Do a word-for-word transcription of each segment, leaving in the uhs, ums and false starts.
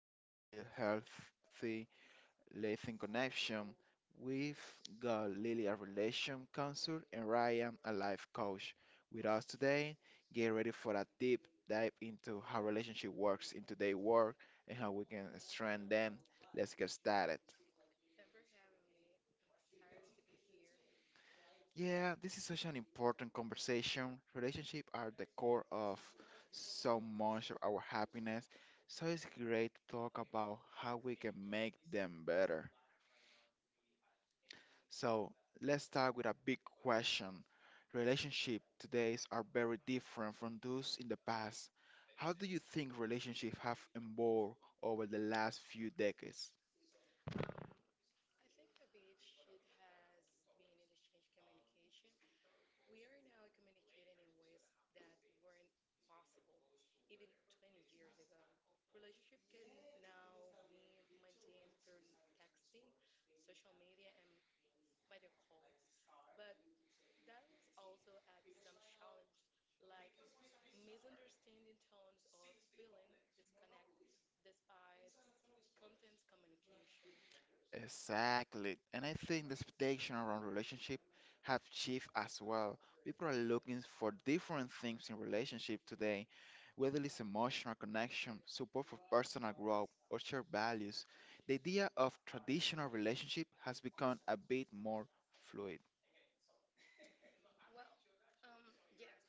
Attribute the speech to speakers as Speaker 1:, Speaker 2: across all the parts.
Speaker 1: and how we build healthy lasting connection. We've got Lily, a relation counselor, and Ryan, a life coach, with us today. Get ready for a deep dive into how relationship works in today's world and how we can strengthen them. Let's get started.
Speaker 2: Thank for having me. I'm excited to be here.
Speaker 1: Yeah, this is such an important conversation. Relationships are the core of so much of our happiness, so it's great to talk about how we can make them better. So let's start with a big question. Relationships today are very different from those in the past. How do you think relationships have evolved over the last few decades?
Speaker 2: Um, I think a big shift has been in the change communication. We are now communicating in ways that weren't possible even twenty years ago. Relationship can now be maintained through texting, social media, and video calls, but that was also at some challenge, like misunderstanding tones or feeling disconnect despite content communication.
Speaker 1: Exactly. And I think the expectation around relationship have shifted as well. People are looking for different things in relationship today, whether it's emotional connection, support for personal growth, or shared values. The idea of traditional relationship has become a bit more fluid.
Speaker 2: Well, um, yes,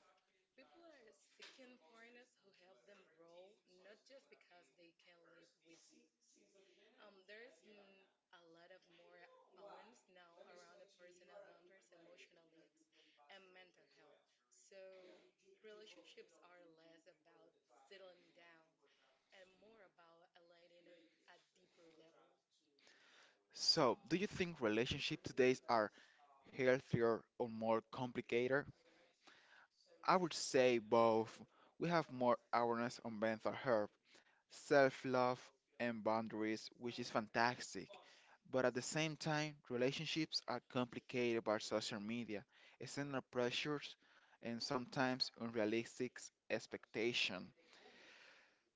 Speaker 2: people are seeking partners who help them grow, not just because they can live with. Um, there's n- a lot of more awareness now around the personal boundaries, emotional needs, and mental health. So relationships are less about settling down and more about aligning at deeper level.
Speaker 1: So, do you think relationships today are healthier or more complicated? I would say both. We have more awareness on mental health, self-love, and boundaries, which is fantastic. But at the same time, relationships are complicated by social media, external pressures, and sometimes unrealistic expectations.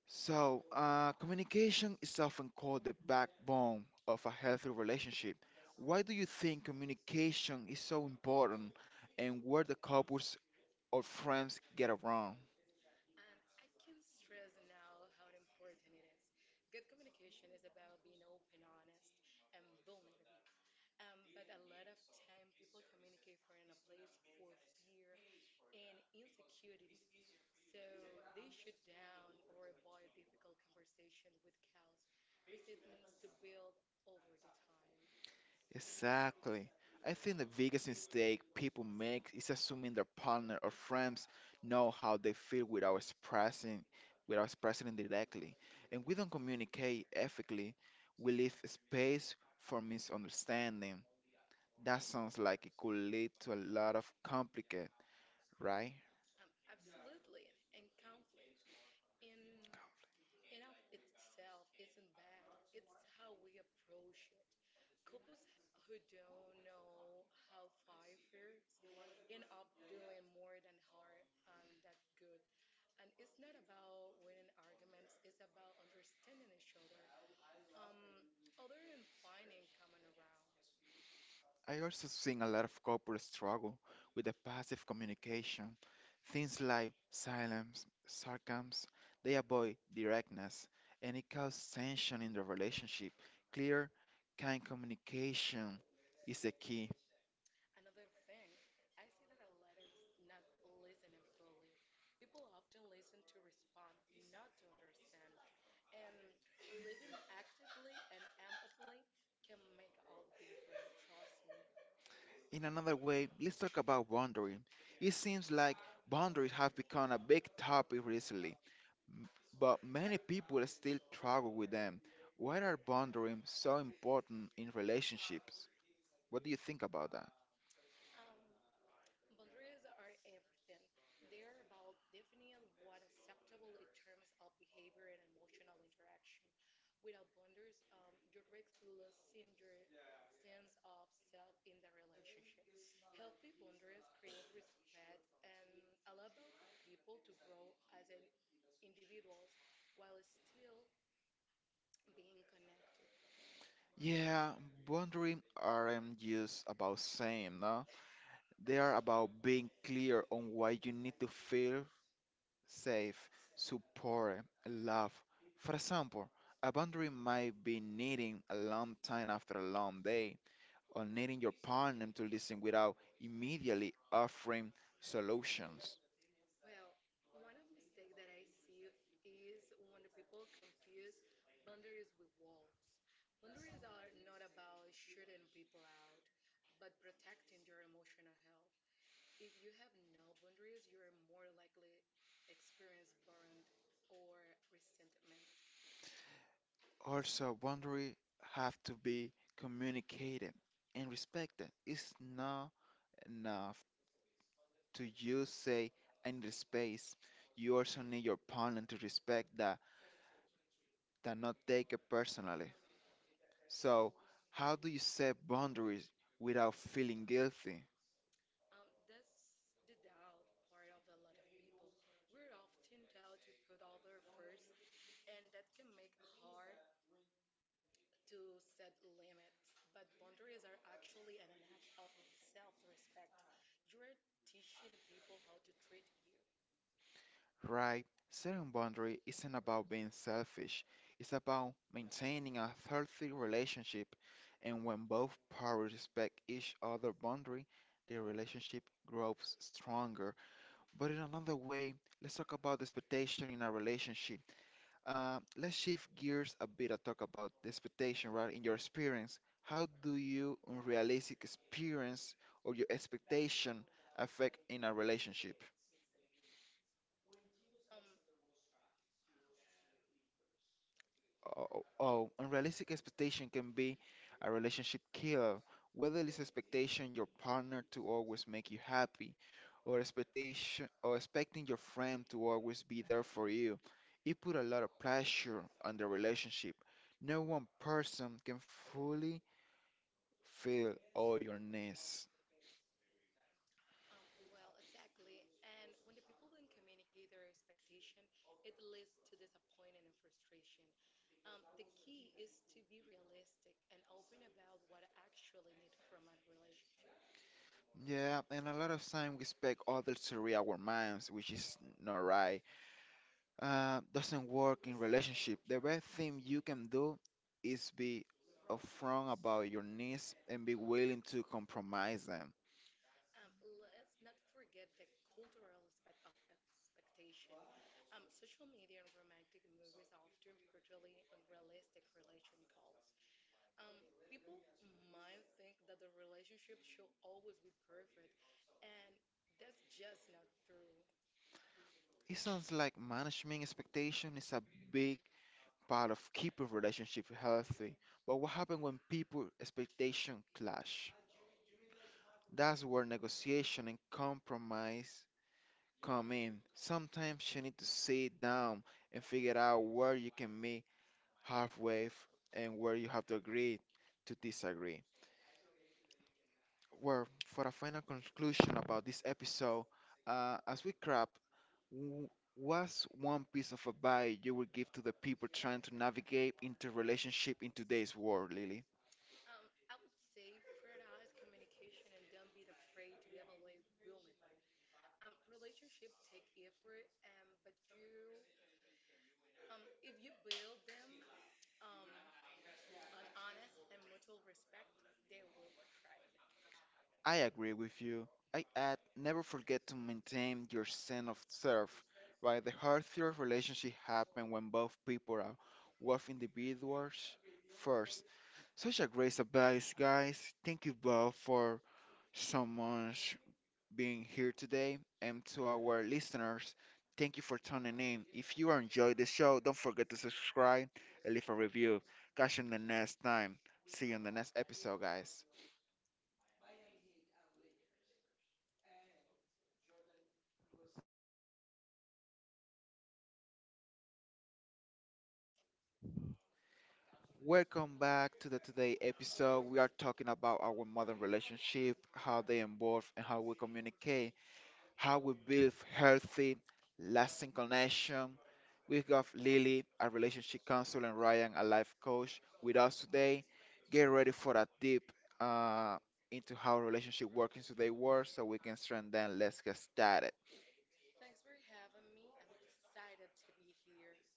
Speaker 1: So, uh, communication is often called the backbone of a healthy relationship. Why do you think communication is so important, and where the couples or friends get it wrong?
Speaker 2: And I can stress now how important it is. Good communication is about being open, honest, and vulnerable. Um, but a lot of time people communicate from a place for fear and insecurity. So they shut down or avoid difficult conversation with cause resentments to build over the time.
Speaker 1: Exactly. I think the biggest mistake people make is assuming their partner or friends know how they feel without expressing without expressing it directly. And we don't communicate ethically, we leave space for misunderstanding. That sounds like it could lead to a lot of complicated, right?
Speaker 2: Um, absolutely, and conflict in in of itself isn't bad. It's how we approach it. Couples h- who don't know how five years end up doing more than hard and that good. And it's not about winning arguments, it's about understanding each other. Um, Other than finding coming around,
Speaker 1: I also seen a lot of couples struggle with the passive communication, things like silence, sarcasms, they avoid directness, and it causes tension in the relationship. Clear, kind communication is the key.
Speaker 2: another thing, I see that a lot is not listening fully. People often listen to respond, not to understand. And listen actively and empathically can make all the difference, trust me.
Speaker 1: In another way, let's talk about boundaries. It seems like boundaries have become a big topic recently, m- but many people still struggle with them. Why are boundaries so important in relationships? What do you think about that?
Speaker 2: Um, Boundaries are everything. They're about defining what acceptable in terms of behavior and emotional interaction. Without boundaries, um, you risk losing your sense of self in the relationship. Healthy boundaries create respect and allow both people to grow as an individuals while still being connected.
Speaker 1: Yeah, boundaries aren't just about saying no. They are about being clear on why you need to feel safe, supported, loved. For example, a boundary might be needing a long time after a long day, or needing your partner to listen without immediately offering solutions.
Speaker 2: Well, one of mistake that I see is when the people confuse boundaries with walls. Boundaries are not about shutting people out, but protecting your emotional health. If you have no boundaries, you are more likely experience burnout or resentment.
Speaker 1: Also, boundaries have to be communicated and respected. It's not enough to you say, I need space, you also need your partner to respect that, that not take it personally. So, how do you set boundaries without feeling guilty,
Speaker 2: Um, that's the doubt part of a lot of people. We're often taught to put other first, and that can make it hard to set limits, but boundaries are actually an, an act of self respect. You're teaching people how to treat you.
Speaker 1: right? Setting boundary isn't about being selfish. It's about maintaining a healthy relationship, and when both parties respect each other' boundary, the relationship grows stronger. But in another way, let's talk about expectation in a relationship. Uh, let's shift gears a bit and talk about the expectation, right? In your experience, how do you unrealistic experience or your expectation affect in a relationship?
Speaker 2: Um,
Speaker 1: Oh, oh, unrealistic expectation can be a relationship killer. Whether it's expectation your partner to always make you happy, or expectation or expecting your friend to always be there for you, it put a lot of pressure on the relationship. No one person can fully feel all your needs.
Speaker 2: um, well, exactly. And when the people don't communicate their expectation, it leads to disappointment and frustration. Um, the key is to be realistic and open about what I actually need from a relationship.
Speaker 1: Yeah, and a lot of time we expect others to read our minds, which is not right. Uh, doesn't work in relationship. The best thing you can do is be upfront about your needs and be willing to compromise them.
Speaker 2: Um, let's not forget the cultural aspect of expectation. Um, social media and romantic movies often portray unrealistic relation goals. Um, people might think that the relationship should always be perfect, and that's just not true.
Speaker 1: It sounds like management expectation is a big part of keeping relationship healthy. But what happens when people expectation clash? That's where negotiation and compromise come in. Sometimes you need to sit down and figure out where you can meet halfway f- and where you have to agree to disagree. Well, for a final conclusion about this episode, uh, as we wrap, w- what's one piece of advice you would give to the people trying to navigate into relationship in today's world, Lily?
Speaker 2: Um, I would say prioritize communication and don't be afraid to evaluate vulnerability. Um, relationship take effort, and but you, um, if you build them, um. on honest and mutual respect, they will thrive.
Speaker 1: I agree with you. I add never forget to maintain your sense of self, right? The healthier relationship happen when both people are worth individuals first. Such a great advice, guys. Thank you both for so much being here today. And to our listeners, thank you for tuning in. If you enjoyed the show, don't forget to subscribe and leave a review. Catch you in the next time. See you in the next episode, guys. Welcome back to the today episode. We are talking about our modern relationship, how they evolve, and how we communicate, how we build healthy, lasting connection. We got Lily, a relationship counselor, and Ryan, a life coach, with us today. Get ready for a deep uh, into how relationship work in today's world, so we can strengthen. Let's get started.
Speaker 2: Thanks for having me. I'm excited to be here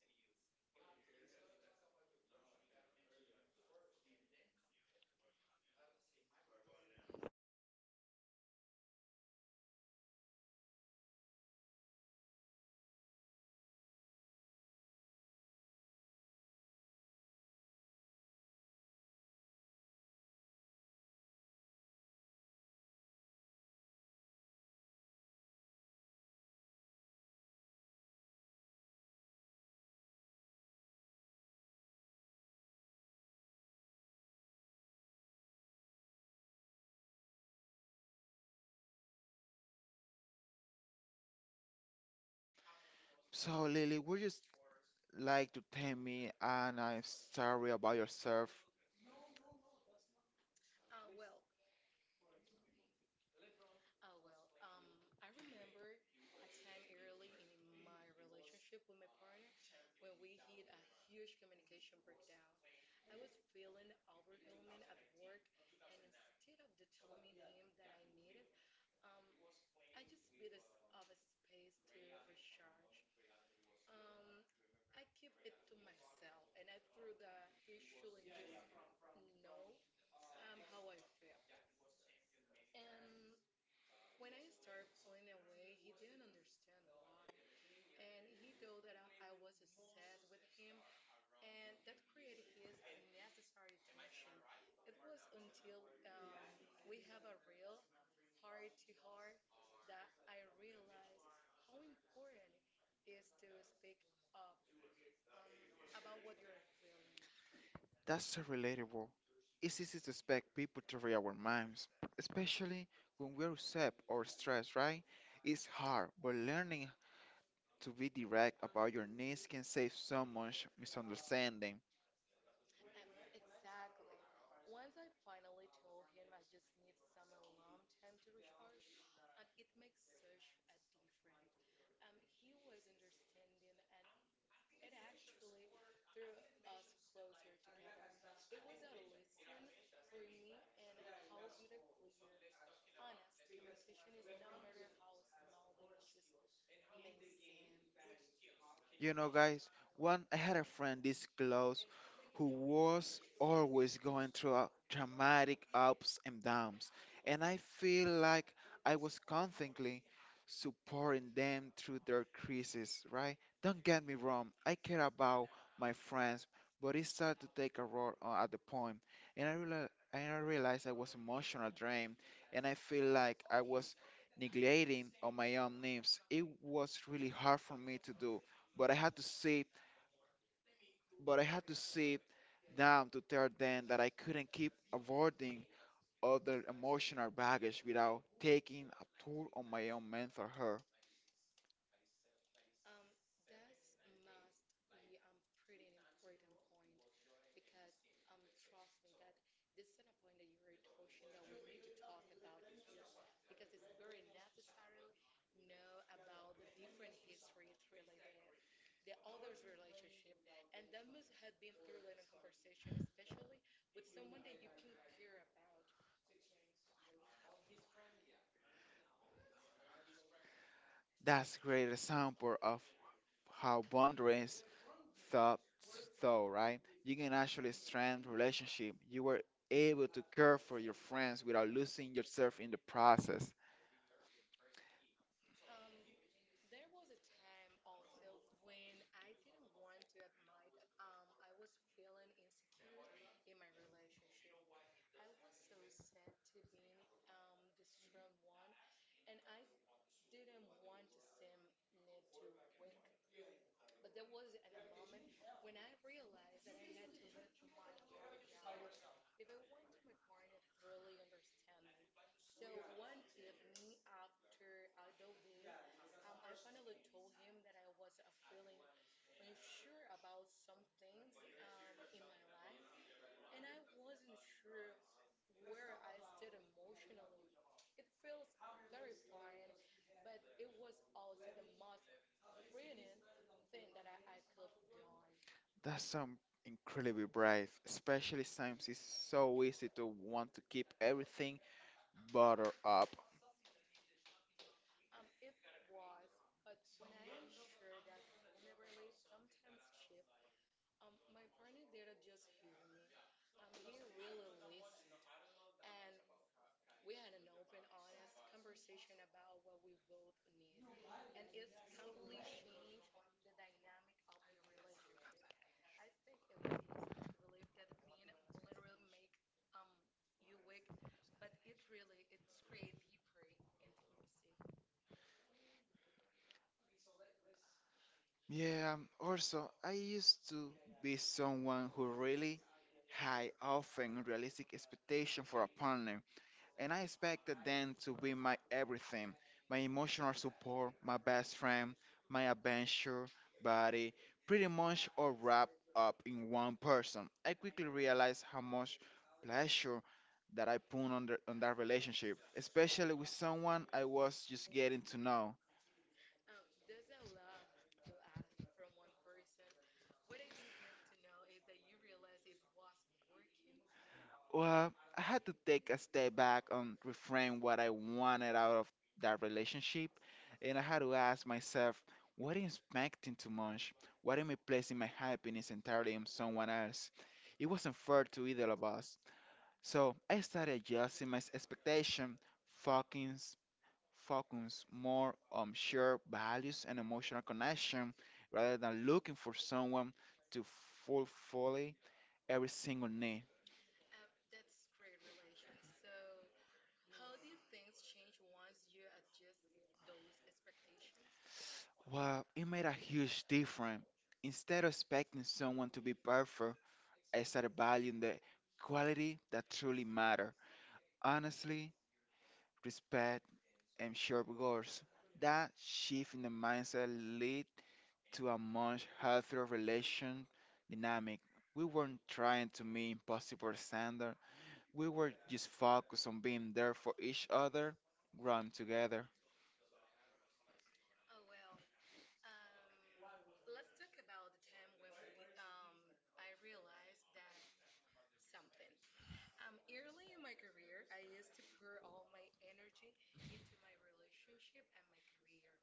Speaker 2: too.
Speaker 1: So, Lily, would you s- like to tell me, and I'm sorry about yourself.
Speaker 2: Oh well, um, I remember a time early in my relationship with my partner when we hit a huge communication breakdown. I was feeling overwhelmed at work, and instead of the telling him that I needed, um, I just bit us of a space to recharge. Um, I keep it to myself, and I threw the he shouldn't just know um how I felt. And when I started pulling away, he didn't understand why, and he knew that I, I was obsessed with him, and that created his unnecessary tension. It was until um we have a real heart to heart that I realized how important it is to speak up um, about what you're feeling.
Speaker 1: That's so relatable. It's easy to expect people to read our minds, especially when we're upset or stressed, right? It's hard, but learning to be direct about your needs can save so much misunderstanding.
Speaker 2: Um, exactly. Once I finally told him I just need some alone time to recharge, and it makes such a difference. Um, he was understanding, and it actually threw us closer together. It was a lesson for me and how bitter clear, honest communication is, no matter how small the issues may seem.
Speaker 1: You know, guys, one I had a friend this close who was always going through a dramatic ups and downs, and I feel like I was constantly supporting them through their crises, right? Don't get me wrong, I care about my friends, but it started to take a role uh, at the point, and I realized. And I realized I was emotional drained, and I feel like I was neglecting on my own needs. It was really hard for me to do, but I had to sit, but I had to sit down to tell them that I couldn't keep avoiding other emotional baggage without taking a toll on my own mental health.
Speaker 2: Um, that's must be um pretty an important point because um trust me that this is an a point that you are touching that we need to talk about it here because it's very necessary know about the different history it's really the the other's relationship and that must have been through like a conversation especially with someone that you can care about.
Speaker 1: That's great example of how boundaries thought so, right? You can actually strengthen relationship. You were able to care for your friends without losing yourself in the process.
Speaker 2: Um There was a time also when I didn't want to admit that, um, I was feeling insecure in my relationship. I was so sad to being um, the strong one, and I didn't want to seem need to weak. But there was an, a moment when I realized that I had to let my ward down if I want to my partner to thoroughly understand me. So one evening after idle day, um, I finally told him that I was uh, feeling unsure about some things um, in my life and I wasn't sure where I stood emotionally. It feels terrifying, but it was also the most freeing thing that I, I could done.
Speaker 1: That's some incredibly brave, especially since it's so easy to want to keep everything butter up.
Speaker 2: Um, it was, but when I shared that vulnerability sometimes shift, um, my partner didn't just hear me. Um, he really listened. And we had an open, honest conversation about what we both need, and it's completely changed the dynamic of the relationship. I think it was easy to believe that being vulnerable make um you weak, but it really it's create deeper intimacy.
Speaker 1: Yeah, um, also, I used to be someone who really high often realistic expectation for a partner, and I expected them to be my everything, my emotional support, my best friend, my adventure buddy, pretty much all wrapped up in one person. I quickly realized how much pleasure that I put on, the, on that relationship, especially with someone I was just getting to know.
Speaker 2: Um, there's a lot to ask from one person. What I did not to know is that you realize it wasn't working.
Speaker 1: Well, I had to take a step back and reframe what I wanted out of that relationship. And I had to ask myself, what am I expecting too much? What am I placing my happiness entirely on someone else? It wasn't fair to either of us. So I started adjusting my expectation, focus, focus more on shared values and emotional connection rather than looking for someone to fulfill every single need.
Speaker 2: Um, that's great relation. So, how do things change once you adjust those expectations?
Speaker 1: Well, it made a huge difference. Instead of expecting someone to be perfect, I started valuing the quality that truly matter. Honestly, respect, and sharp goals. That shift in the mindset led to a much healthier relation dynamic. We weren't trying to meet impossible standards. We were just focused on being there for each other, growing together.
Speaker 2: Oh well, um, let's talk about the time when we um I realized that something. Um, early in my career, I used to pour all my energy into my relationship and my career,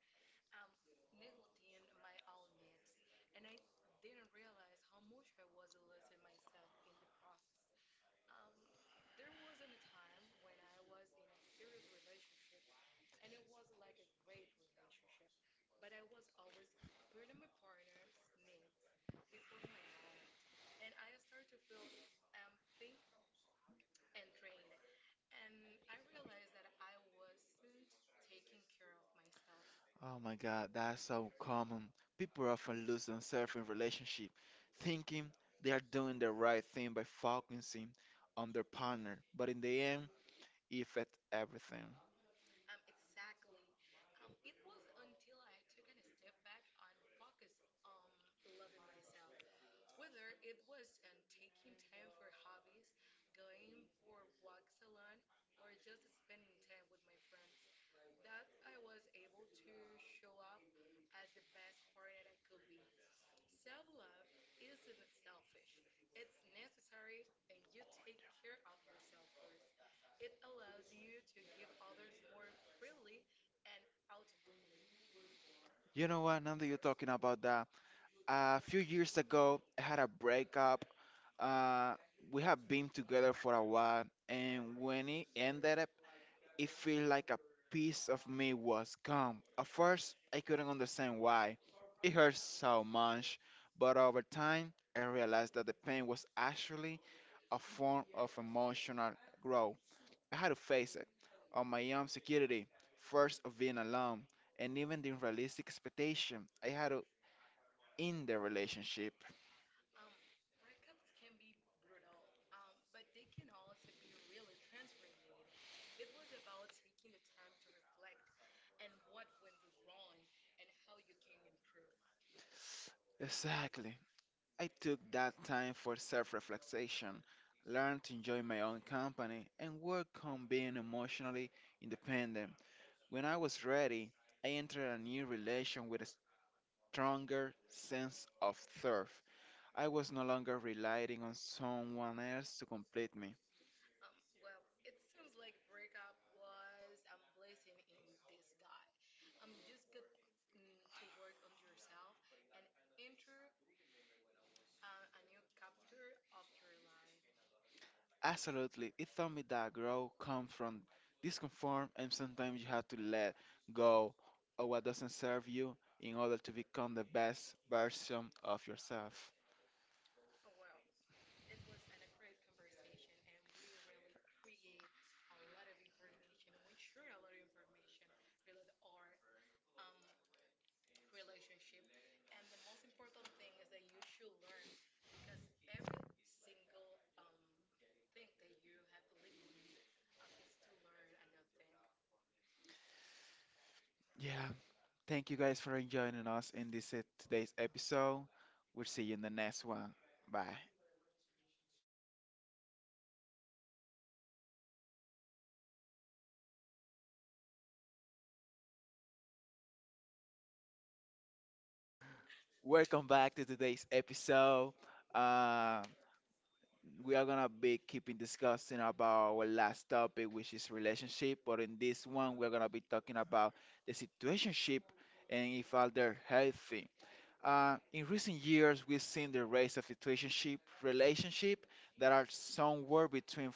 Speaker 2: um, neglecting my own needs, and I didn't realize how much I was losing myself in the process. Um, there wasn't a time when I was in a serious relationship, and it was like a great relationship, but I was always putting my partner's needs before my own, and I started to feel empty and drained, and I realized that I wasn't taking care of myself.
Speaker 1: Oh my God, that's so common. People often lose themselves in relationship, thinking they are doing the right thing by focusing on their partner, but in the end, it affects everything.
Speaker 2: Um, exactly. Um, it was until I took a step back and focused on loving myself. Whether it was um, taking time for hobbies, going for walks alone, or just spending time with my friends, that I was able to show up as the best partner I could be. Self love isn't selfish, it's necessary, and you take care of yourself first. It allows you to give others more freely and authentically.
Speaker 1: You know what? Now that you're talking about that, a few years ago, I had a breakup. Uh, we have been together for a while, and when it ended, it felt like a piece of me was gone. At first, I couldn't understand why. It hurt so much, but over time, I realized that the pain was actually a form of emotional growth. I had to face it on my own security, first of being alone, and even the unrealistic expectation I had to end the relationship.
Speaker 2: Um, Breakups can be brutal, um, but they can also be really transformative. It was about taking the time to reflect and what went we wrong and how you can improve.
Speaker 1: Exactly. I took that time for self reflection, learned to enjoy my own company, and work on being emotionally independent. When I was ready, I entered a new relation with a stronger sense of self. I was no longer relying on someone else to complete me.
Speaker 2: Um, well, it sounds like breakup was a blessing in disguise. Um, just get mm, to work on yourself and enter uh, a new chapter of your life.
Speaker 1: Absolutely, it taught me that growth comes from discomfort, and sometimes you have to let go of what doesn't serve you in order to become the best version of yourself.
Speaker 2: Oh well. It was an, a great conversation, and we really create a lot of information, and we share a lot of information related our um relationship. And the most important thing is that you should learn because every single um thing that you have living um is to learn a new thing.
Speaker 1: Yeah, thank you guys for joining us in this uh, today's episode. We'll see you in the next one. Bye. Welcome back to today's episode. Uh, we are gonna be keeping discussing about our last topic, which is relationship. But in this one, we're gonna be talking about the situationship and if are they healthy. Uh, in recent years, we've seen the rise of situationship relationship that are somewhere between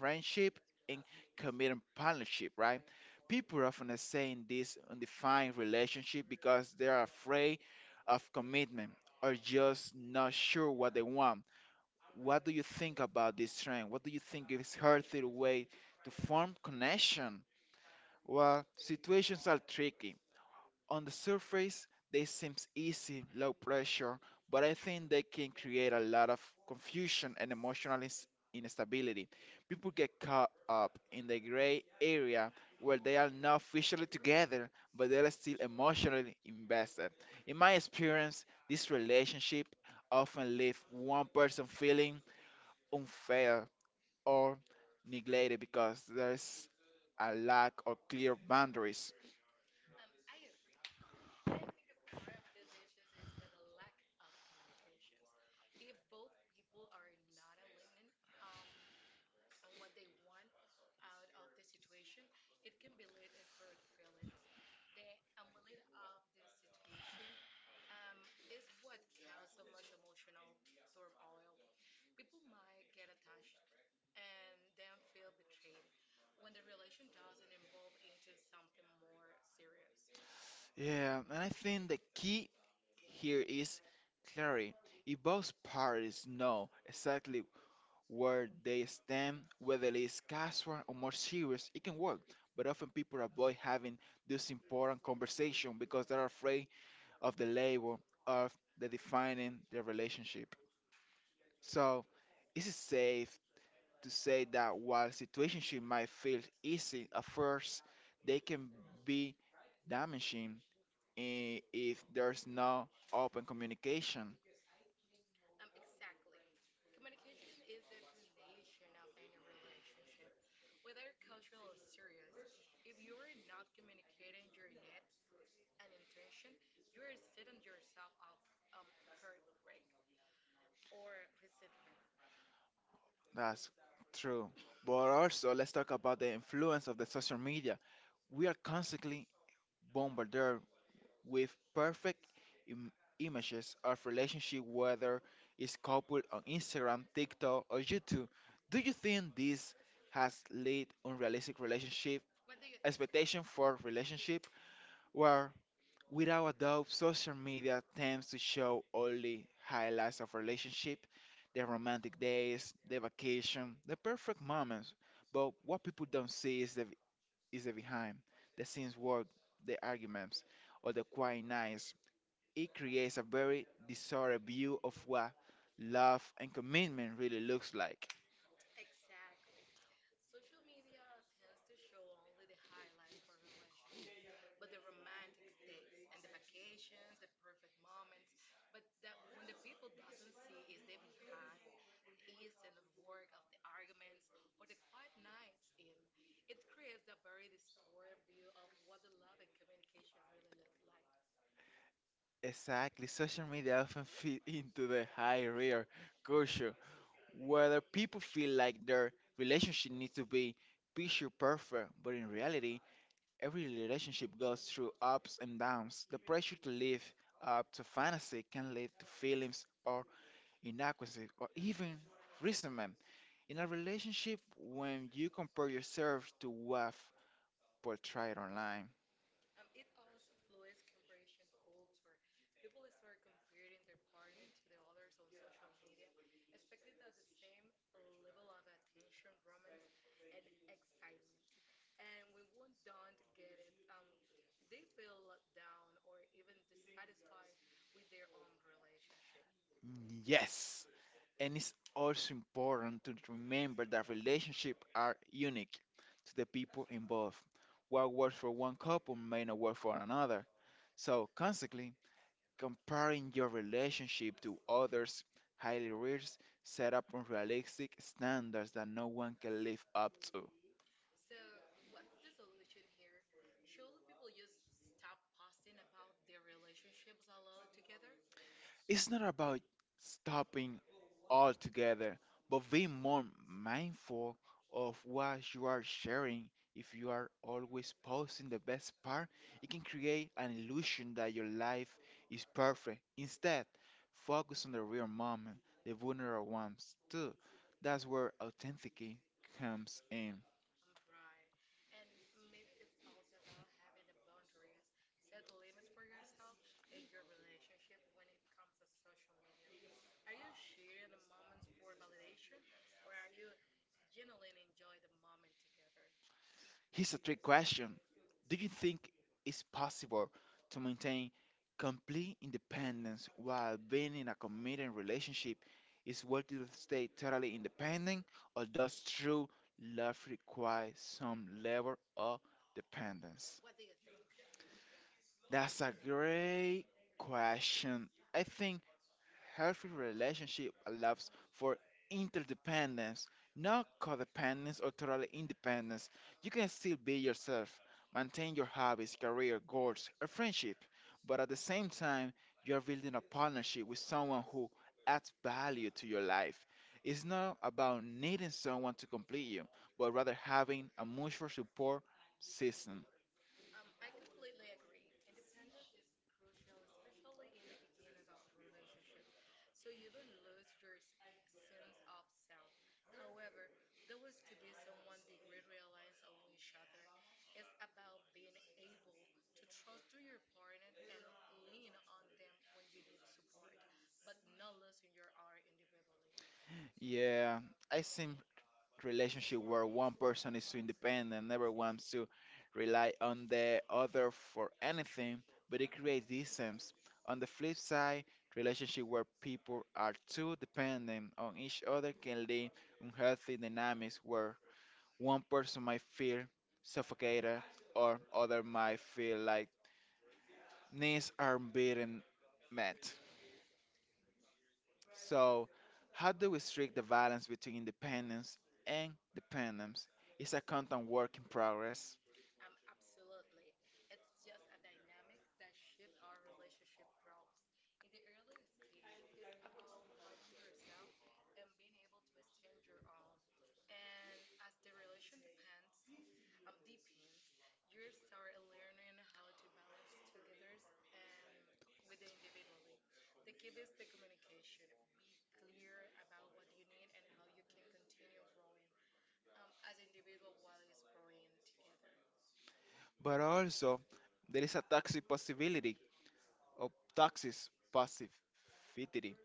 Speaker 1: friendship and committed partnership, right? People often say in this undefined relationship because they are afraid of commitment or just not sure what they want. What do you think about this trend? What do you think is healthy way to form connection? Well, situations are tricky on the surface, they seem easy, low pressure, but I think they can create a lot of confusion and emotional ins- instability. People get caught up in the gray area where they are not officially together, but they are still emotionally invested. In my experience, this relationship often leave one person feeling unfair or neglected because there's a lack of clear boundaries.
Speaker 2: Um, I agree. And I think a part of these issues is that the lack of communications. If both people are not aligning, um, on what they want out of the situation, it can be lead to hurt feelings. The amulet of the situation um, is what causes so much emotional turmoil. People might get attached and then feel betrayed when the relation doesn't evolve into something more serious.
Speaker 1: Yeah, and I think the key here is Clary. If both parties know exactly where they stand, whether it is casual or more serious, it can work. But often people avoid having this important conversation because they're afraid of the label of the defining their relationship. So, is it safe to say that while situationship might feel easy at first, they can be damaging i- if there's no open communication?
Speaker 2: Um, exactly. Communication is the foundation of any relationship, whether casual or serious. If you're not communicating your needs and intention, you're setting yourself up um heartbreak or resentment.
Speaker 1: That's true. But also, let's talk about the influence of the social media. We are constantly bombarded with perfect Im- images of relationship, whether it's coupled on Instagram, TikTok, or YouTube. Do you think this has led unrealistic relationship
Speaker 2: What do you think?
Speaker 1: expectation for relationship, where without a doubt, social media tends to show only highlights of relationship, the romantic days, the vacation, the perfect moments. But what people don't see is the is the behind, the scenes work, the arguments, or the quiet nights. It creates a very distorted view of what love and commitment really looks like.
Speaker 2: Exactly. Social media tends to show only the highlights for relationship, but the romantic dates and the vacations, the perfect moments. But that when the people doesn't see is the behind, the ease and the work of the arguments or the quiet nights in. It creates a very distorted view of what the love and communication really look like.
Speaker 1: Exactly, social media often fit into the high rear culture whether people feel like their relationship needs to be picture perfect, but in reality, every relationship goes through ups and downs. The pressure to live up to fantasy can lead to feelings of inadequacy or even resentment. In a relationship, when you compare yourself to what portrayed online,
Speaker 2: Um, it also influences comparison culture. People start comparing their partner to the others on social media, expecting that the same level of attention, romance, and excitement. And when one don't get it, um, they feel let down or even dissatisfied with their own relationship.
Speaker 1: yes, and it's also important to remember that relationships are unique to the people involved. What works for one couple may not work for another. So, consequently, comparing your relationship to others highly risks set up unrealistic standards that no one can live up to.
Speaker 2: So, what's the solution here? Should people just stop posting about their relationships a lot together?
Speaker 1: It's not about stopping altogether, but being more mindful of what you are sharing. If you are always posting the best part, it can create an illusion that your life is perfect. Instead, focus on the real moment, the vulnerable ones too. That's where authenticity comes in.
Speaker 2: Um, right. And maybe it's also about having a boundaries, set limits for yourself and your relationship when it comes to social media. Are you sharing the moments for validation or are you genuinely enjoy the moment together?
Speaker 1: Here's a trick question. Do you think it's possible to maintain complete independence while being in a committed relationship? Is worth it to stay totally independent, or does true love require some level of dependence?
Speaker 2: What do you think?
Speaker 1: That's a great question. I think healthy relationship allows for interdependence, not codependence or total independence. You can still be yourself, maintain your hobbies, career, goals, a friendship, but at the same time, you are building a partnership with someone who adds value to your life. It's not about needing someone to complete you, but rather having a mutual support system.
Speaker 2: Um, I completely agree. Independence is crucial, especially in the beginnings of the relationship, so you don't lose your s- sense of self. However, there was to be someone degree reliance on each other. It's about being able to trust to your partner and lean on them when you need support, but not losing your own individualism.
Speaker 1: Yeah, I seem relationship where one person is too independent and never wants to rely on the other for anything, but it creates distance. On the flip side, relationship where people are too dependent on each other can lead unhealthy dynamics where one person might feel suffocated or other might feel like needs are being met. So, how do we strike the balance between independence and dependence? It's a constant work in progress,
Speaker 2: Um, absolutely. It's just a dynamic that shifts our relationship growth. In the early stage, it's about finding yourself and being able to extend your own. And as the relation depends, um, deepens, you start learning how to balance togethers and with the individually. The key is the communication. Be clear about what you need and how you can continue growing um, as individual while it's growing together.
Speaker 1: but also there is a toxic possibility of toxic positivity.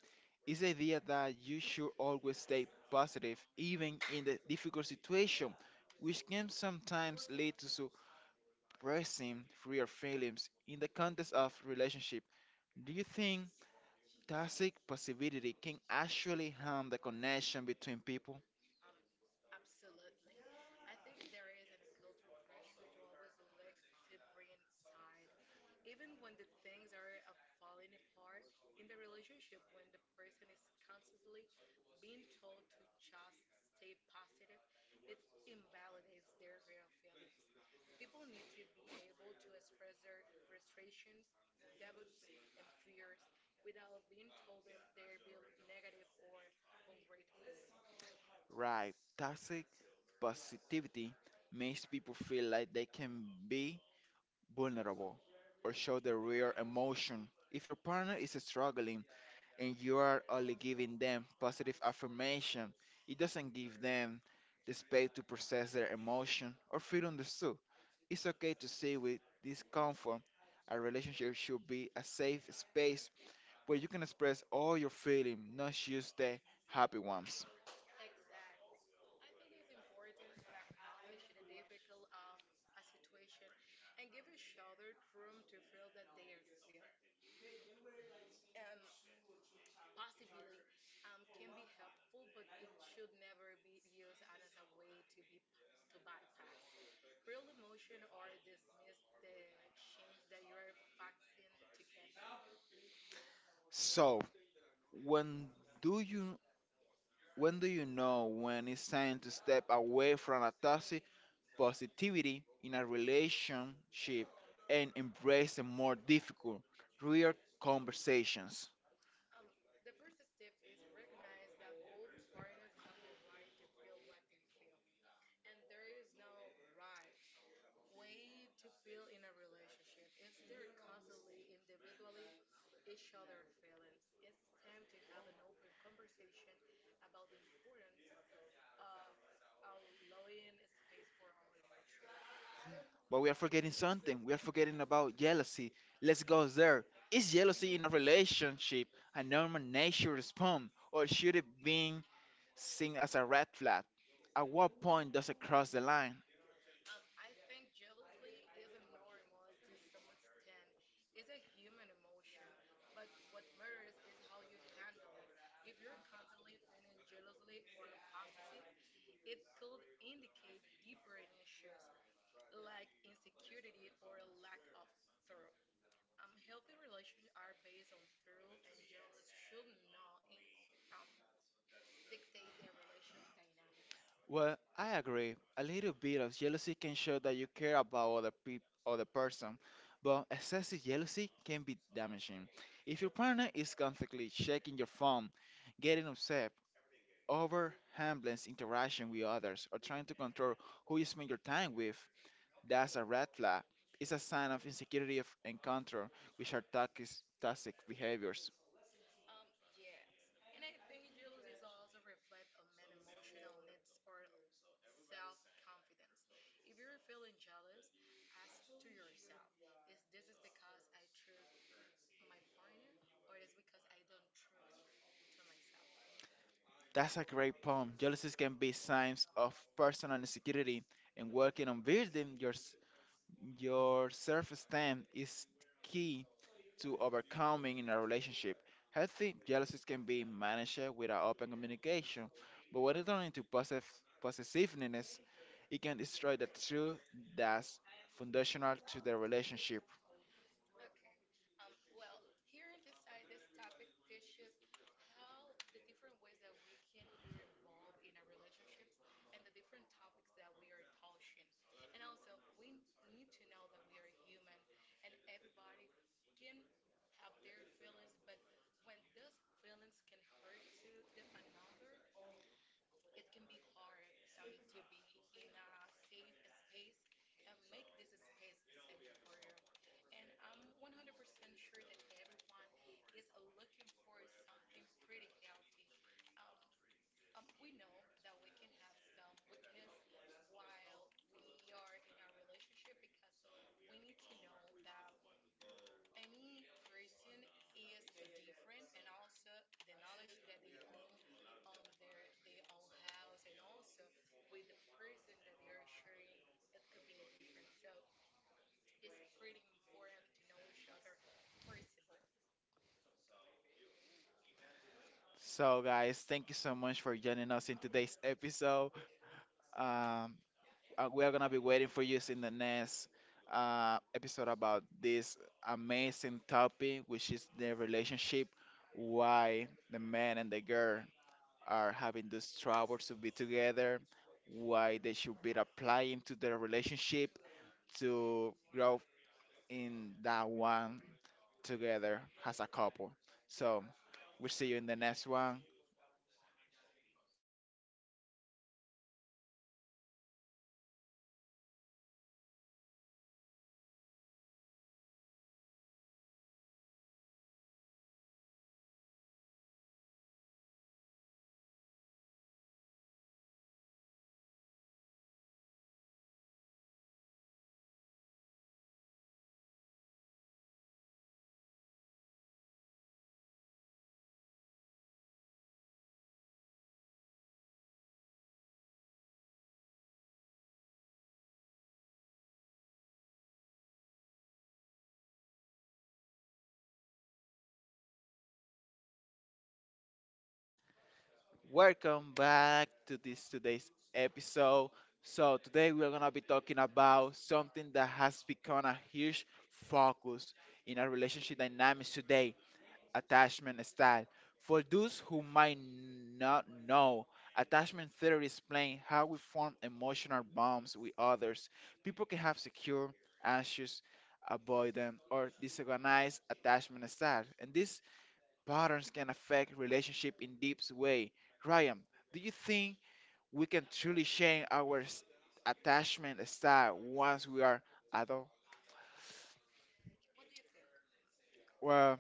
Speaker 1: It's the idea that you should always stay positive, even in the difficult situation, which can sometimes lead to suppressing real feelings in the context of relationship. Do you think toxic positivity can actually harm the connection between people?
Speaker 2: Um, absolutely. I think there is an, a cultural pressure to always look to bring side, even when the things are uh, falling apart in the relationship. When the person is constantly being told to just stay positive, it invalidates their real feelings. People need to be able to express their frustrations, doubts, and fears without being told them they're being negative or ungrateful.
Speaker 1: Right, toxic positivity makes people feel like they can be vulnerable or show their real emotion. If your partner is struggling and you are only giving them positive affirmation, it doesn't give them the space to process their emotion or feel understood. It's okay to sit with discomfort. A relationship should be a safe space where you can express all your feelings, not just the happy ones.
Speaker 2: Exactly. I think it's important to acknowledge the difficult of a situation and give each other room to feel that they are feel. And possibly um, can be helpful, but it should never be used as a way to be pa- to bypass real emotion or dismiss the change that you are facing together.
Speaker 1: So, When do you when do you know when it's time to step away from a toxic positivity in a relationship and embrace a more difficult, real conversations?
Speaker 2: Um, the first step is recognize that both partners have the right to feel what they feel and there is no right way to feel in a relationship. If they're constantly individually each other feelings, it's time to have an open conversation about the importance of allowing a space for all emotions.
Speaker 1: But we are forgetting something. We are forgetting about jealousy. Let's go there. Is jealousy in a relationship a normal nature response, or should it be seen as a red flag? At what point does it cross the line?
Speaker 2: Um, I think jealousy is a normal to some extent. It's a human emotion, but what matters is how you handle it. If you're constantly feeling jealously or possessive, it could indicate deeper issues like insecurity or a lack of through. Um, healthy relationships are based on through, and jealous should not in, um, dictate their relation dynamics.
Speaker 1: Well, I agree. A little bit of jealousy can show that you care about other people, other person, but excessive jealousy can be damaging. If your partner is constantly checking your phone, getting upset, over handling interaction with others, or trying to control who you spend your time with, that's a red flag. It's a sign of insecurity of and control, which are toxic, toxic behaviors.
Speaker 2: Um, yes. And I think jealousy is also reflect on man emotional needs or self-confidence. If you're feeling jealous, ask to yourself, is this is because I trust my partner or is because I don't trust to myself?
Speaker 1: That's a great poem. Jealousy can be signs of personal insecurity and working on building yours your self esteem is key to overcoming in a relationship. Healthy jealousies can be managed without open communication, but when it turns into possess- possessiveness, it can destroy the truth that's foundational to the relationship.
Speaker 2: Okay. Um, well, here in this side, this topic dishes how the different ways that we can be involved in our relationships and the different topics that we are touching. And also, we need to know that we are human and everybody can have their feelings, but when those feelings can hurt to the another, it can be hard um, to be in a safe space and make this space safe for you. And I'm one hundred percent sure that everyone is looking for something pretty healthy. Um, um, we know that we can have some weakness while we are in a relationship because we need to know that any person is different and also the knowledge that they own on their their own house and also with the person that they are sharing, it could be a difference, so it's pretty important to know each other first of all.
Speaker 1: So, guys, thank you so much for joining us in today's episode. Um, Uh, we are gonna be waiting for you in the next uh, episode about this amazing topic, which is the relationship, why the man and the girl are having this trouble to be together, why they should be applying to their relationship to grow in that one together as a couple. So we'll see you in the next one. Welcome back to this today's episode. So today we are gonna be talking about something that has become a huge focus in our relationship dynamics today, attachment style. For those who might not know, attachment theory explains how we form emotional bonds with others. People can have secure, anxious, avoidant, or disorganized attachment style, and this patterns can affect relationship in deep way. Ryan, do you think we can truly change our s- attachment style once we are adult?
Speaker 2: What do you think?
Speaker 1: Well,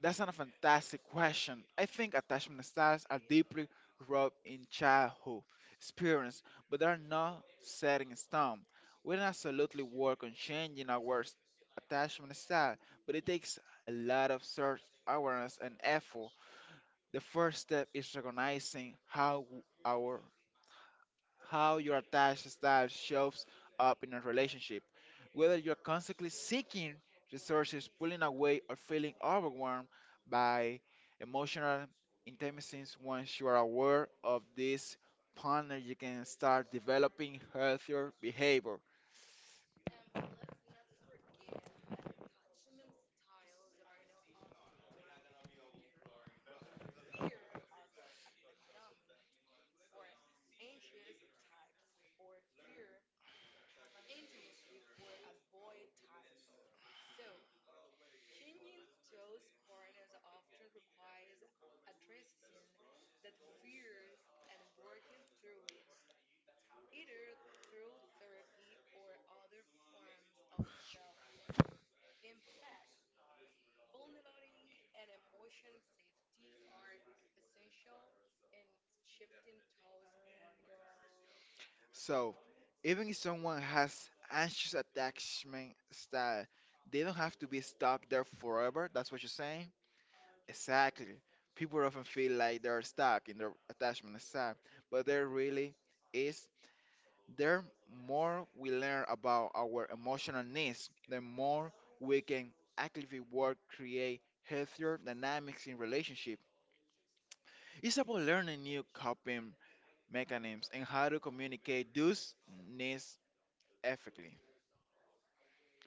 Speaker 1: that's not a fantastic question. I think attachment styles are deeply rooted in childhood experience, but they are not set in stone. We can absolutely work on changing our s- attachment style, but it takes a lot of self awareness and effort. The first step is recognizing how our how your attached style shows up in a relationship. Whether you're constantly seeking resources, pulling away, or feeling overwhelmed by emotional intimacies, once you are aware of this partner, you can start developing healthier behavior.
Speaker 2: Um, let's not forget that attachment styles are not often tied to fear. Fear of abandonment for anxious types, or fear intimacy for avoid types. So, changing those partners often requires addressing that fears and working through it, either through therapy or other forms of self work. In fact, vulnerability and emotional safety are essential in shifting those partners.
Speaker 1: So, even if someone has anxious attachment style, they don't have to be stuck there forever. That's what you're saying. Exactly. People often feel like they're stuck in their attachment style, but there really is. The more we learn about our emotional needs, the more we can actively work create healthier dynamics in relationship. It's about learning new coping mechanisms and how to communicate those needs effectively.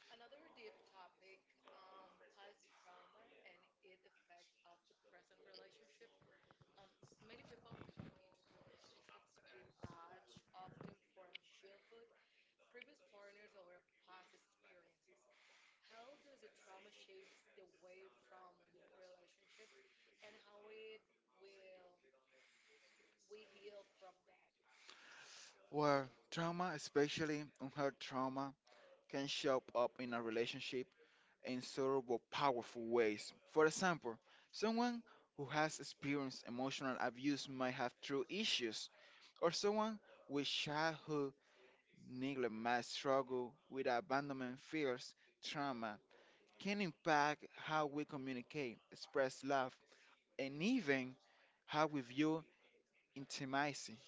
Speaker 2: Another deep topic, um, past trauma and its effect of the present relationship. Um, many people come into relationships with baggage, often from childhood, previous partners, or past experiences. How does the trauma shapes the way from relationships, and how it will we heal from that?
Speaker 1: Well, trauma, especially unhealed trauma, can show up in a relationship in several powerful ways. For example, someone who has experienced emotional abuse might have true issues, or someone with childhood neglect might struggle with abandonment fears, trauma can impact how we communicate, express love, and even how we view intimacy.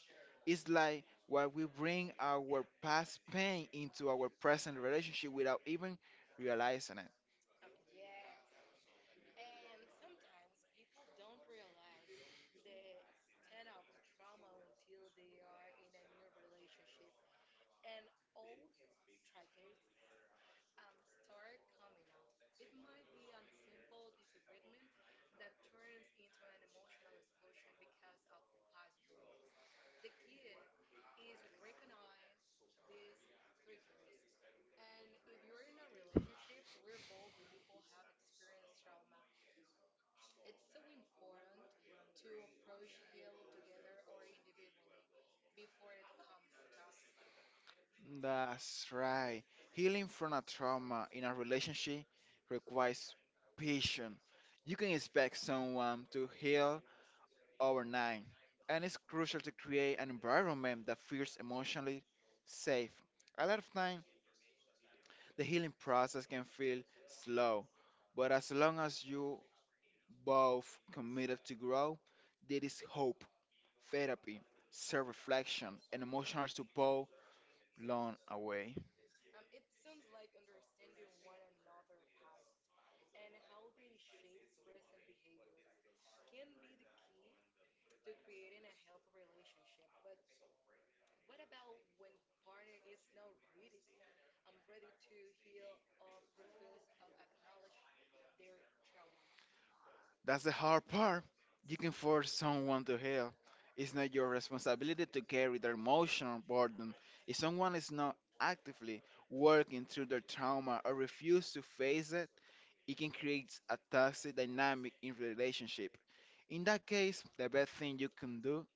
Speaker 1: It's like why we bring our past pain into our present relationship without even realizing it.
Speaker 2: Um, yes. And sometimes people don't realize the extent of the trauma until they are in a new relationship and old triggers um, start coming up. It might be on a simple disagreement that turns into an emotional explosion because of the past wounds. The kid is recognize these triggers. And if you're in a relationship where both people have experienced trauma, it's so important to approach heal together or individually before it comes toxic.
Speaker 1: That's right. Healing from a trauma in a relationship requires patience. You can expect someone to heal overnight, and it's crucial to create an environment that feels emotionally safe. A lot of time, the healing process can feel slow, but as long as you both committed to grow, there is hope, therapy, self-reflection, and emotional support along the way.
Speaker 2: Um, it sounds like understanding one another past and how they shape present behavior can be the key to creating a healthy relationship. But what about when the partner is not ready? I'm ready to heal or refuse or acknowledge their trauma.
Speaker 1: That's the hard part. You can force someone to help. It's not your responsibility to carry their emotional burden. If someone is not actively working through their trauma or refuse to face it, it can create a toxic dynamic in relationship. In that case, the best thing you can do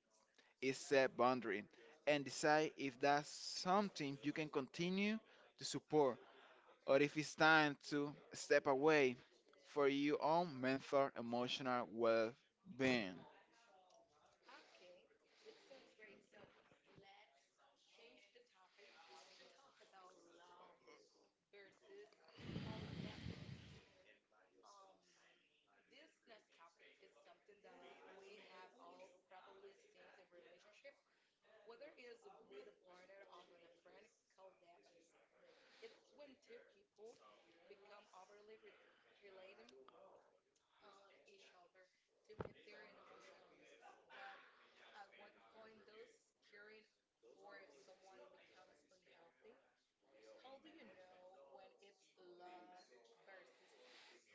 Speaker 1: is set boundary and decide if that's something you can continue to support or if it's time to step away for your own mental emotional well-being.
Speaker 2: Okay, it sounds great. So let's change the topic to talk about love versus codependency. Um, this next topic is something that we have all probably seen in relationship, whether it's with a partner or with a friend, codependency. It's when two people become overly re- related on each other to meet their emotional needs. But at what point does caring for someone becomes unhealthy? How do you know when it's love versus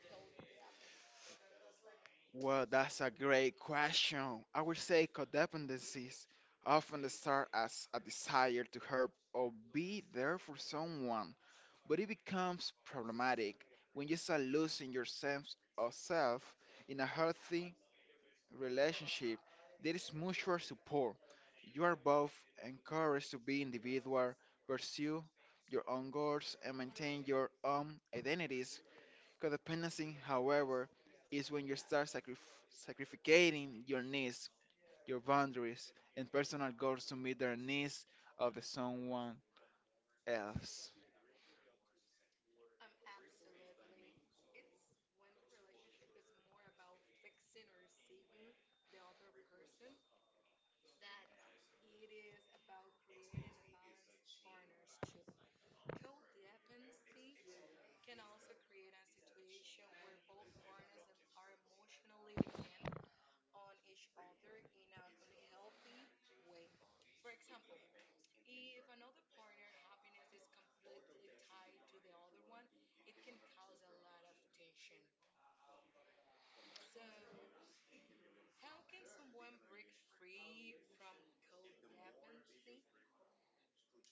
Speaker 2: codependency?
Speaker 1: Well, that's a great question. I would say codependencies often start as a desire to help or be there for someone, but it becomes problematic when you start losing your sense of self in a healthy relationship, there is mutual support. You are both encouraged to be individual, pursue your own goals, and maintain your own identities. Codependency, however, is when you start sacrif- sacrificating your needs, your boundaries, and personal goals to meet the needs of the someone else.
Speaker 2: Um, absolutely. It's when the relationship is more about fixing or saving the other person that it is about creating a balanced partnership. Codependency can also create a situation where both partners em- are emotionally dependent on each other in an unhealthy way. For example, if another partner happiness is completely tied to the other one, it can cause a lot of tension. So, how can someone break free from codependency?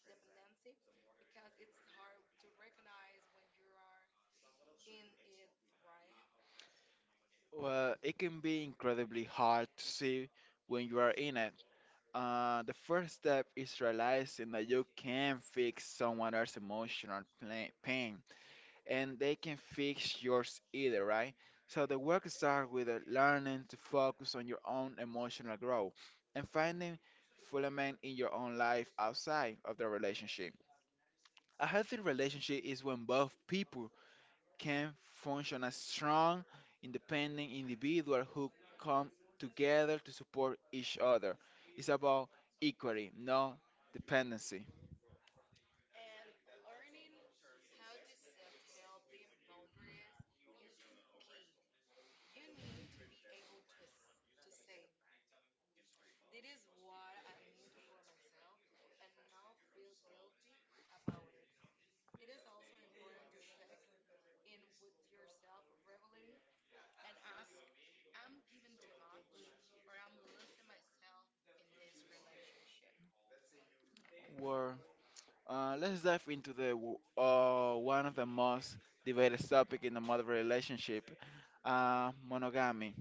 Speaker 2: Dependency, because it's hard to recognize when you are in it, right?
Speaker 1: Well, it can be incredibly hard to see when you are in it. Uh, the first step is realizing that you can fix someone else's emotional pla- pain and they can fix yours either, right? So the work starts with uh, learning to focus on your own emotional growth and finding fulfillment in your own life outside of the relationship. A healthy relationship is when both people can function as strong, independent individuals who come together to support each other. It's about equality, not dependency.
Speaker 2: And learning how to set healthy boundaries is key. You need to be able to s- to say, "This is what I need for myself," and not feel guilty about it. It is also important to check in with yourself regularly and ask, "I'm giving too much, or I'm losing myself in this relationship."
Speaker 1: Well, uh, let's dive into the w- uh, one of the most debated topic in the modern relationship, uh, monogamy.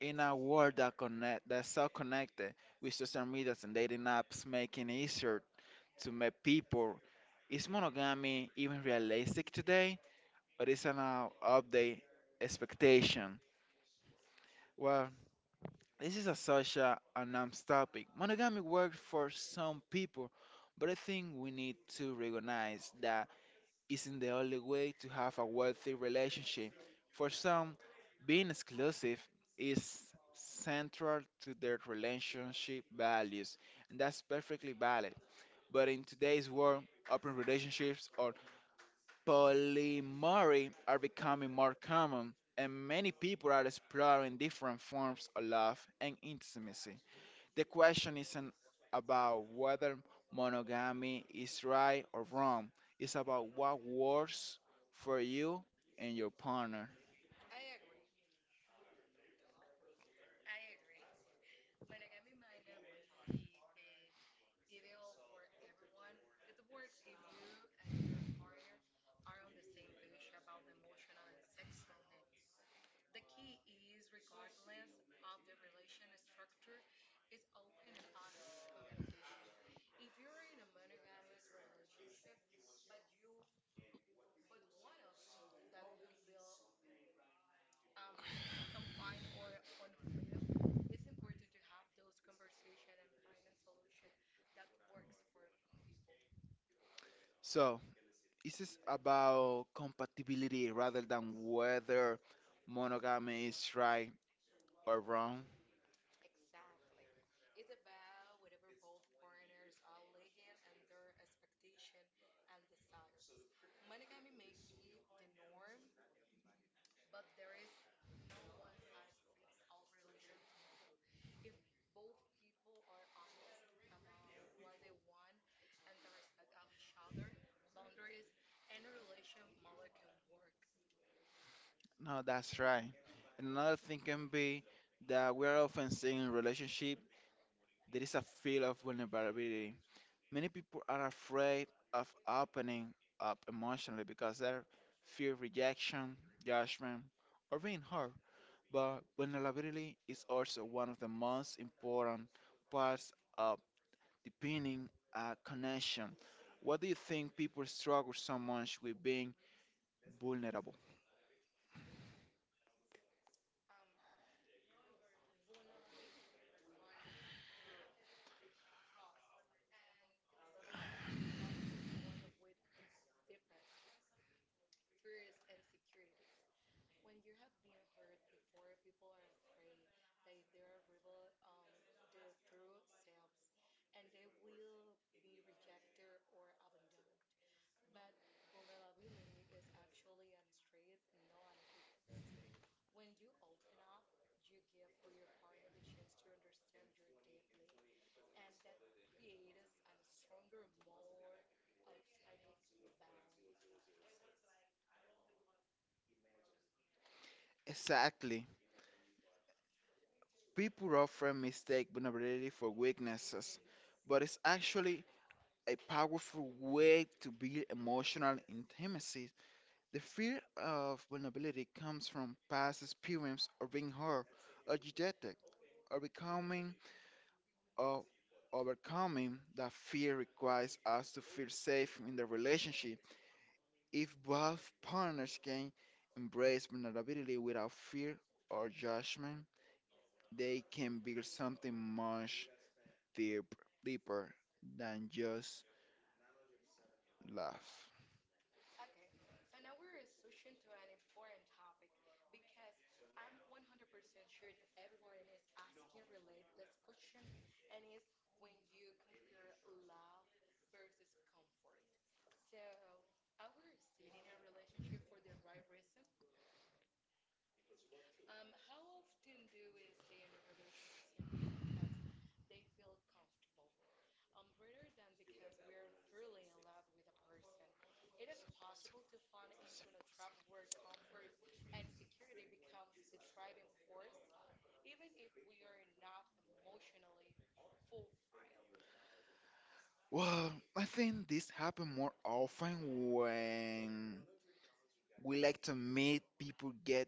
Speaker 1: In a world that connect that's so connected with social medias and dating apps, making it easier to meet people, is monogamy even realistic today? But it's an uh, update expectation. Well, this is a such a, a nuanced topic. Monogamy works for some people, but I think we need to recognize that isn't the only way to have a wealthy relationship. For some, being exclusive is central to their relationship values, and that's perfectly valid. But in today's world, open relationships or Polyamory are becoming more common, and many people are exploring different forms of love and intimacy. The question isn't about whether monogamy is right or wrong, it's about what works for you and your partner.
Speaker 2: I agree. Monogamy might not be the ideal for everyone. It works if you and your partner are on the same page about the emotional and sexual needs. The key is, regardless of the relation structure, is open and honest communication. If you're in a monogamous relationship, but you but one of that you feel um, confined or unfair, it's important to have those conversation and find a solution that works for people.
Speaker 1: So, this is about compatibility rather than whether monogamy is right or wrong.
Speaker 2: Exactly. It's about whatever both partners are lagging and their expectation and desires. Monogamy may be the norm, but there is no one size fits all relations model. If both people are honest about what they want and the respect of each other, boundaries, any relation model can work.
Speaker 1: No, that's right. And another thing can be that we are often seeing in relationship there is a feel of vulnerability. Many people are afraid of opening up emotionally because they fear rejection, judgment, or being hurt. But vulnerability is also one of the most important parts of deepening a connection. What do you think people struggle so much with being vulnerable?
Speaker 2: Um, vulnerability requires through trust, and it's hard to trust to someone with the deepest fears and securities. When you have been hurt before, people are afraid that if they are rebel, um, their true selves, and they will be rejected or abandoned. But vulnerability is actually an strength, not a weakness. When you open up, you give for your partner the chance to understand you deeply, and that creates a stronger, more authentic bond.
Speaker 1: Exactly. People often mistake vulnerability for weaknesses, but it's actually a powerful way to build emotional intimacy. The fear of vulnerability comes from past experience of being hurt or rejected or becoming or overcoming that fear requires us to feel safe in the relationship. If both partners can embrace vulnerability without fear or judgment, they can build something much deep, deeper than just love.
Speaker 2: Okay, so now we're switching to an important topic because I'm one hundred percent sure that everyone is asking relate this question, and is when you compare love versus comfort. So, are we staying in a relationship for the right reason? Um, how often do we stay in a relationship simply because they feel comfortable? Um, rather than because we're thoroughly in love with a person. It is possible to fall into a trap where comfort and security becomes the driving force, even if we are not emotionally fulfilled.
Speaker 1: Well, I think this happens more often when we like to make people get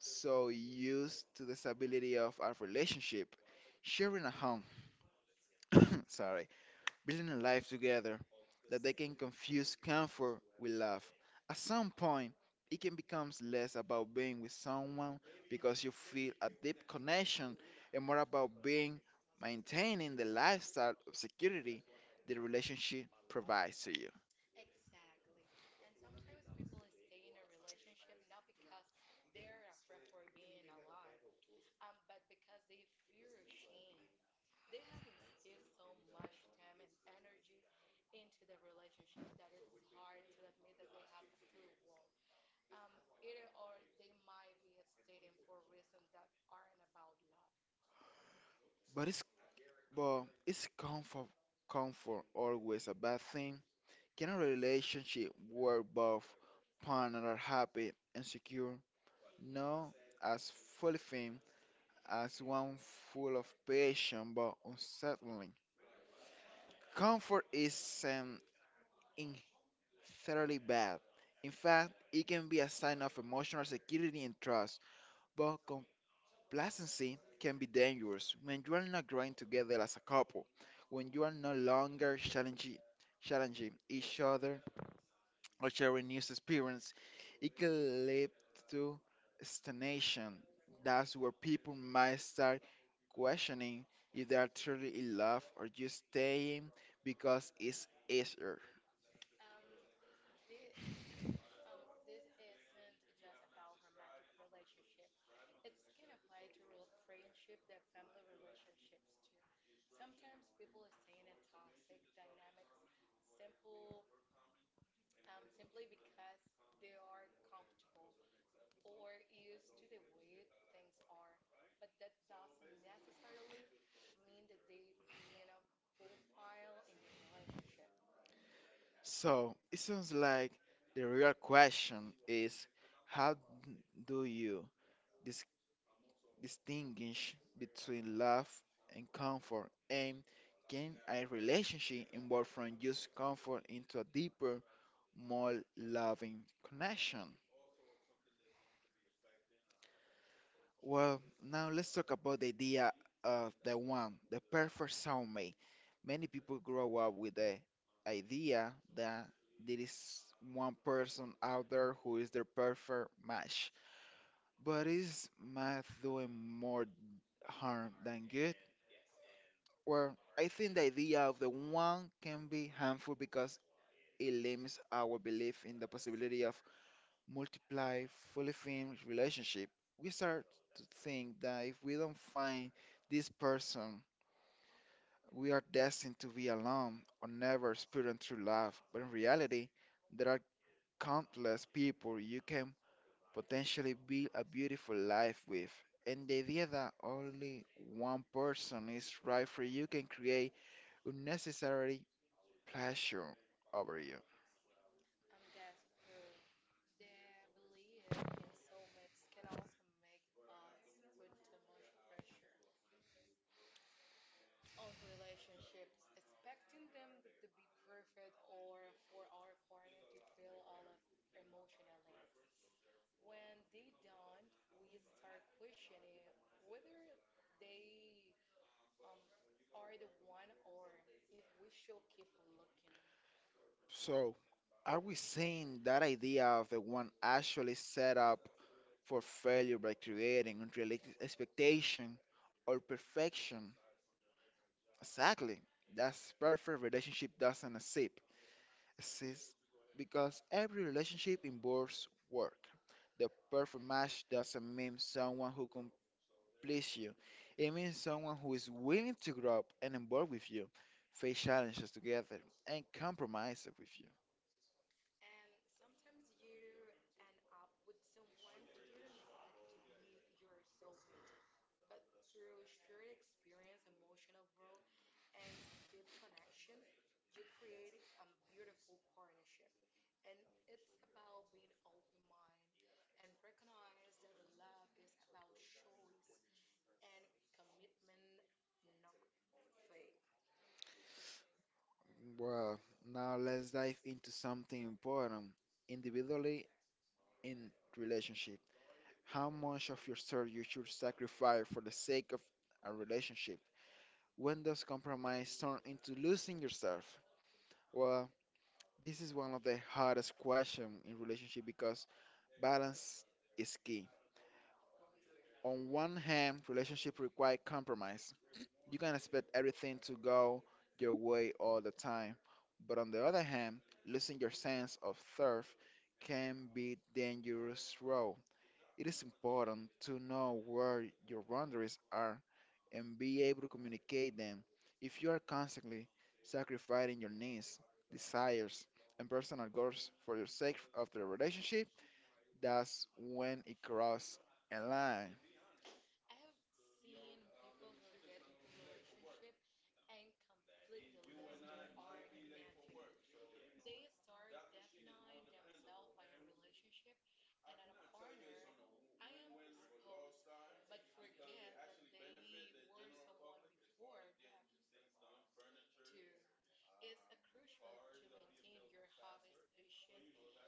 Speaker 1: so used to the stability of our relationship, sharing a home, sorry, building a life together that they can confuse comfort with love. At some point, it can become less about being with someone because you feel a deep connection and more about being maintaining the lifestyle of security the relationship provides to you.
Speaker 2: Exactly. And sometimes people stay in a relationship not because they're afraid for being alone, um, but because they fear change. They have instilled so much time and energy into the relationship that it's hard to admit that they have through wall. Um, either or they might be stating for reasons that aren't about love.
Speaker 1: But it's but is comfort comfort always a bad thing? Can a relationship where both partners are happy and secure? No, as fully as one full of passion but unsettling. Comfort is um, inherently bad. In fact, it can be a sign of emotional security and trust, but complacency can be dangerous when you are not growing together as a couple, when you are no longer challenging, challenging each other or sharing new experience, it can lead to stagnation. That's where people might start questioning if they are truly in love or just staying because it's easier.
Speaker 2: Um, the um, this isn't just about romantic relationship. It can apply to rel friendship, the family relationships too. Sometimes people stay in a toxic dynamics, simple um, simply because they are comfortable or used to the way things are. But that doesn't necessarily mean that they being a full file in the relationship.
Speaker 1: So it sounds like the real question is how d- do you dis- distinguish between love and comfort and can a relationship evolve from just comfort into a deeper more loving connection. Well, now let's talk about the idea of the one, the perfect soulmate. Many people grow up with the idea that there is one person out there who is their perfect match. But is math doing more harm than good? Well, I think the idea of the one can be harmful because it limits our belief in the possibility of multiply, fully formed relationship, we start to think that if we don't find this person, we are destined to be alone or never experience true love. But in reality, there are countless people you can potentially build a beautiful life with. And the idea that only one person is right for you can create unnecessary pressure over you.
Speaker 2: Um, that's through. The belief in soulmates can also make us put too much pressure on relationships, expecting them to, to be perfect or for our partner to feel all of emotional needs. When they don't, we start questioning whether they um, are the one or if we should keep looking.
Speaker 1: So, are we saying that idea of the one actually set up for failure by creating unrealistic expectation or perfection. Exactly. That's perfect relationship doesn't exist exist because every relationship involves work. The perfect match doesn't mean someone who completes you. It means someone who is willing to grow up and evolve with you, face challenges together, and compromise with you.
Speaker 2: And sometimes you end up with someone you didn't expect to be your soulmate, but through shared experience, emotional growth, and deep connection, you create a beautiful partnership. And it's about being open minded and recognize that the love is about choice and commitment, not fate.
Speaker 1: Well, now let's dive into something important individually in relationship. How much of yourself you should sacrifice for the sake of a relationship? When does compromise turn into losing yourself? Well, this is one of the hardest questions in relationship because balance is key. On one hand, relationship require compromise. You can expect everything to go your way all the time. But on the other hand, losing your sense of self can be dangerous road. It is important to know where your boundaries are and be able to communicate them. If you are constantly sacrificing your needs, desires, and personal goals for the sake of the relationship, that's when it crosses a line.
Speaker 2: I have seen people who get into relationship and completely lose their own identity. They start defining themselves by a relationship and a partner. I am supposed, but forget that they were someone before that too. It's a crucial to maintain your hobbies, passion,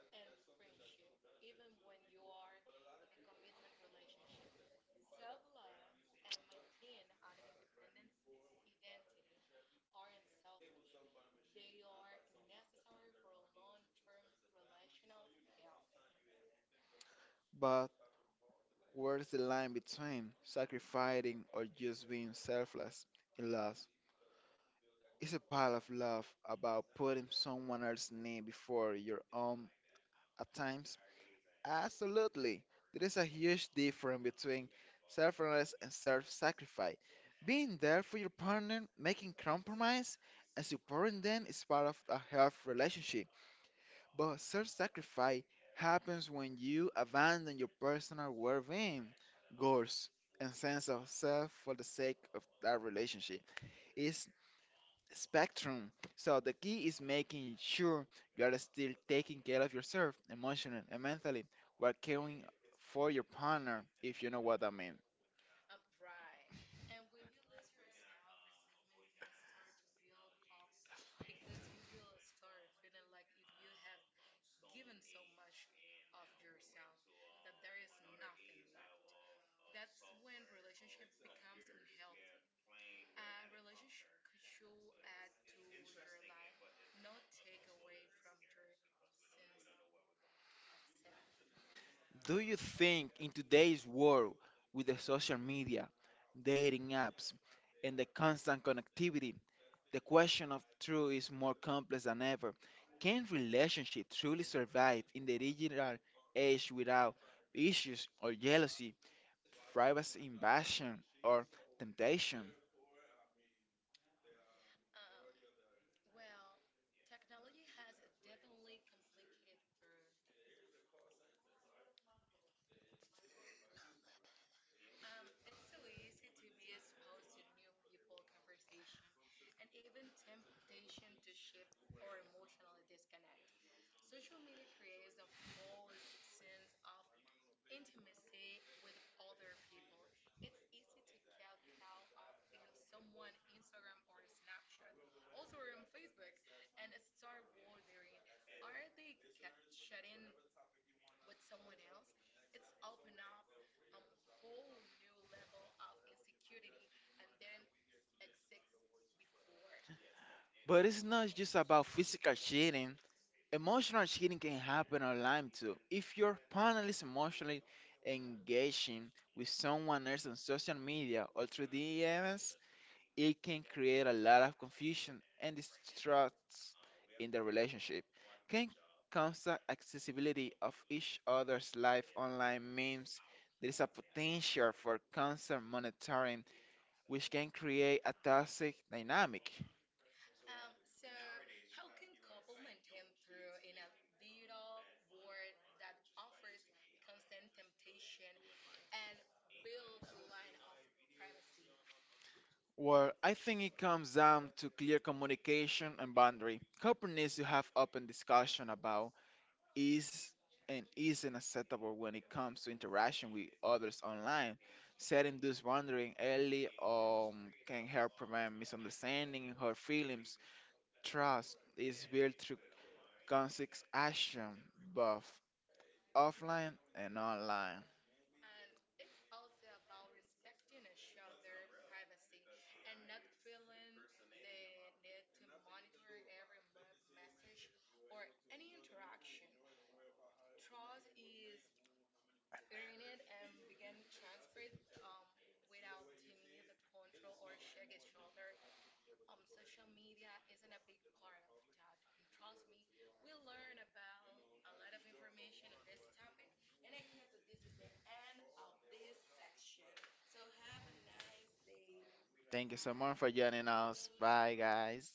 Speaker 2: and friendship, even when you are in a commitment relationship. Self love and maintain an independent identity aren't selfish, they are necessary for long term relational health.
Speaker 1: But where's the line between sacrificing or just being selfless in love? It's a pile of love about putting someone else's need before your own at times. Absolutely. There is a huge difference between selflessness and self-sacrifice. Being there for your partner, making compromise, and supporting them is part of a healthy relationship. But self-sacrifice happens when you abandon your personal well-being, goals, and sense of self for the sake of that relationship. It's spectrum. So the key is making sure you are still taking care of yourself emotionally and mentally while caring for your partner, if you know what I mean.
Speaker 2: Um, right. And when you lose yourself, resentment can start to build up because you will start feeling like if you have given so much of yourself that there is nothing left. That's when relationship becomes unhealthy. A relationship should add to your life, not take away from your sense of self.
Speaker 1: Do you think in today's world with the social media, dating apps, and the constant connectivity, the question of truth is more complex than ever? Can relationship truly survive in the digital age without issues or jealousy, privacy invasion, or temptation?
Speaker 2: Um, well, technology has definitely complicated through. Um, it's so easy to be exposed to the new people, conversation, and even temptation to shift or emotional disconnect. Social media creates a false sense of intimacy with other people. It's easy to get caught up in someone Instagram or Snapchat, also on Facebook, and start wondering, are they ca- shutting with someone else. It's open up a whole new level of insecurity and didn't s- exist before.
Speaker 1: But it's not just about physical cheating. Emotional cheating can happen online too. If your partner is emotionally engaging with someone else on social media or through D Ms, it can create a lot of confusion and distrust in the relationship. Can constant accessibility of each other's life online means there is a potential for constant monitoring, which can create a toxic dynamic.
Speaker 2: Um, so how can couple maintain through in a digital world that offers constant temptation and build a line of privacy?
Speaker 1: Well, I think it comes down to clear communication and boundary. Couple needs to have open discussion about is and isn't acceptable when it comes to interaction with others online. Setting this boundary early um, can help prevent misunderstanding and hurt feelings. Trust is built through conscious action, both offline and online.
Speaker 2: And it's also about respecting each other's privacy and not feeling the need to monitor every move, message, or any interaction. Trust is earning it and begin transfer it um, without to need the control or check each other. Um, social media isn't a big part of that. And trust me, we learn about a lot of information on this topic. And I guess that this is the end of this section. So have a nice day.
Speaker 1: Thank you so much for joining us.
Speaker 2: Bye.
Speaker 1: Bye, guys.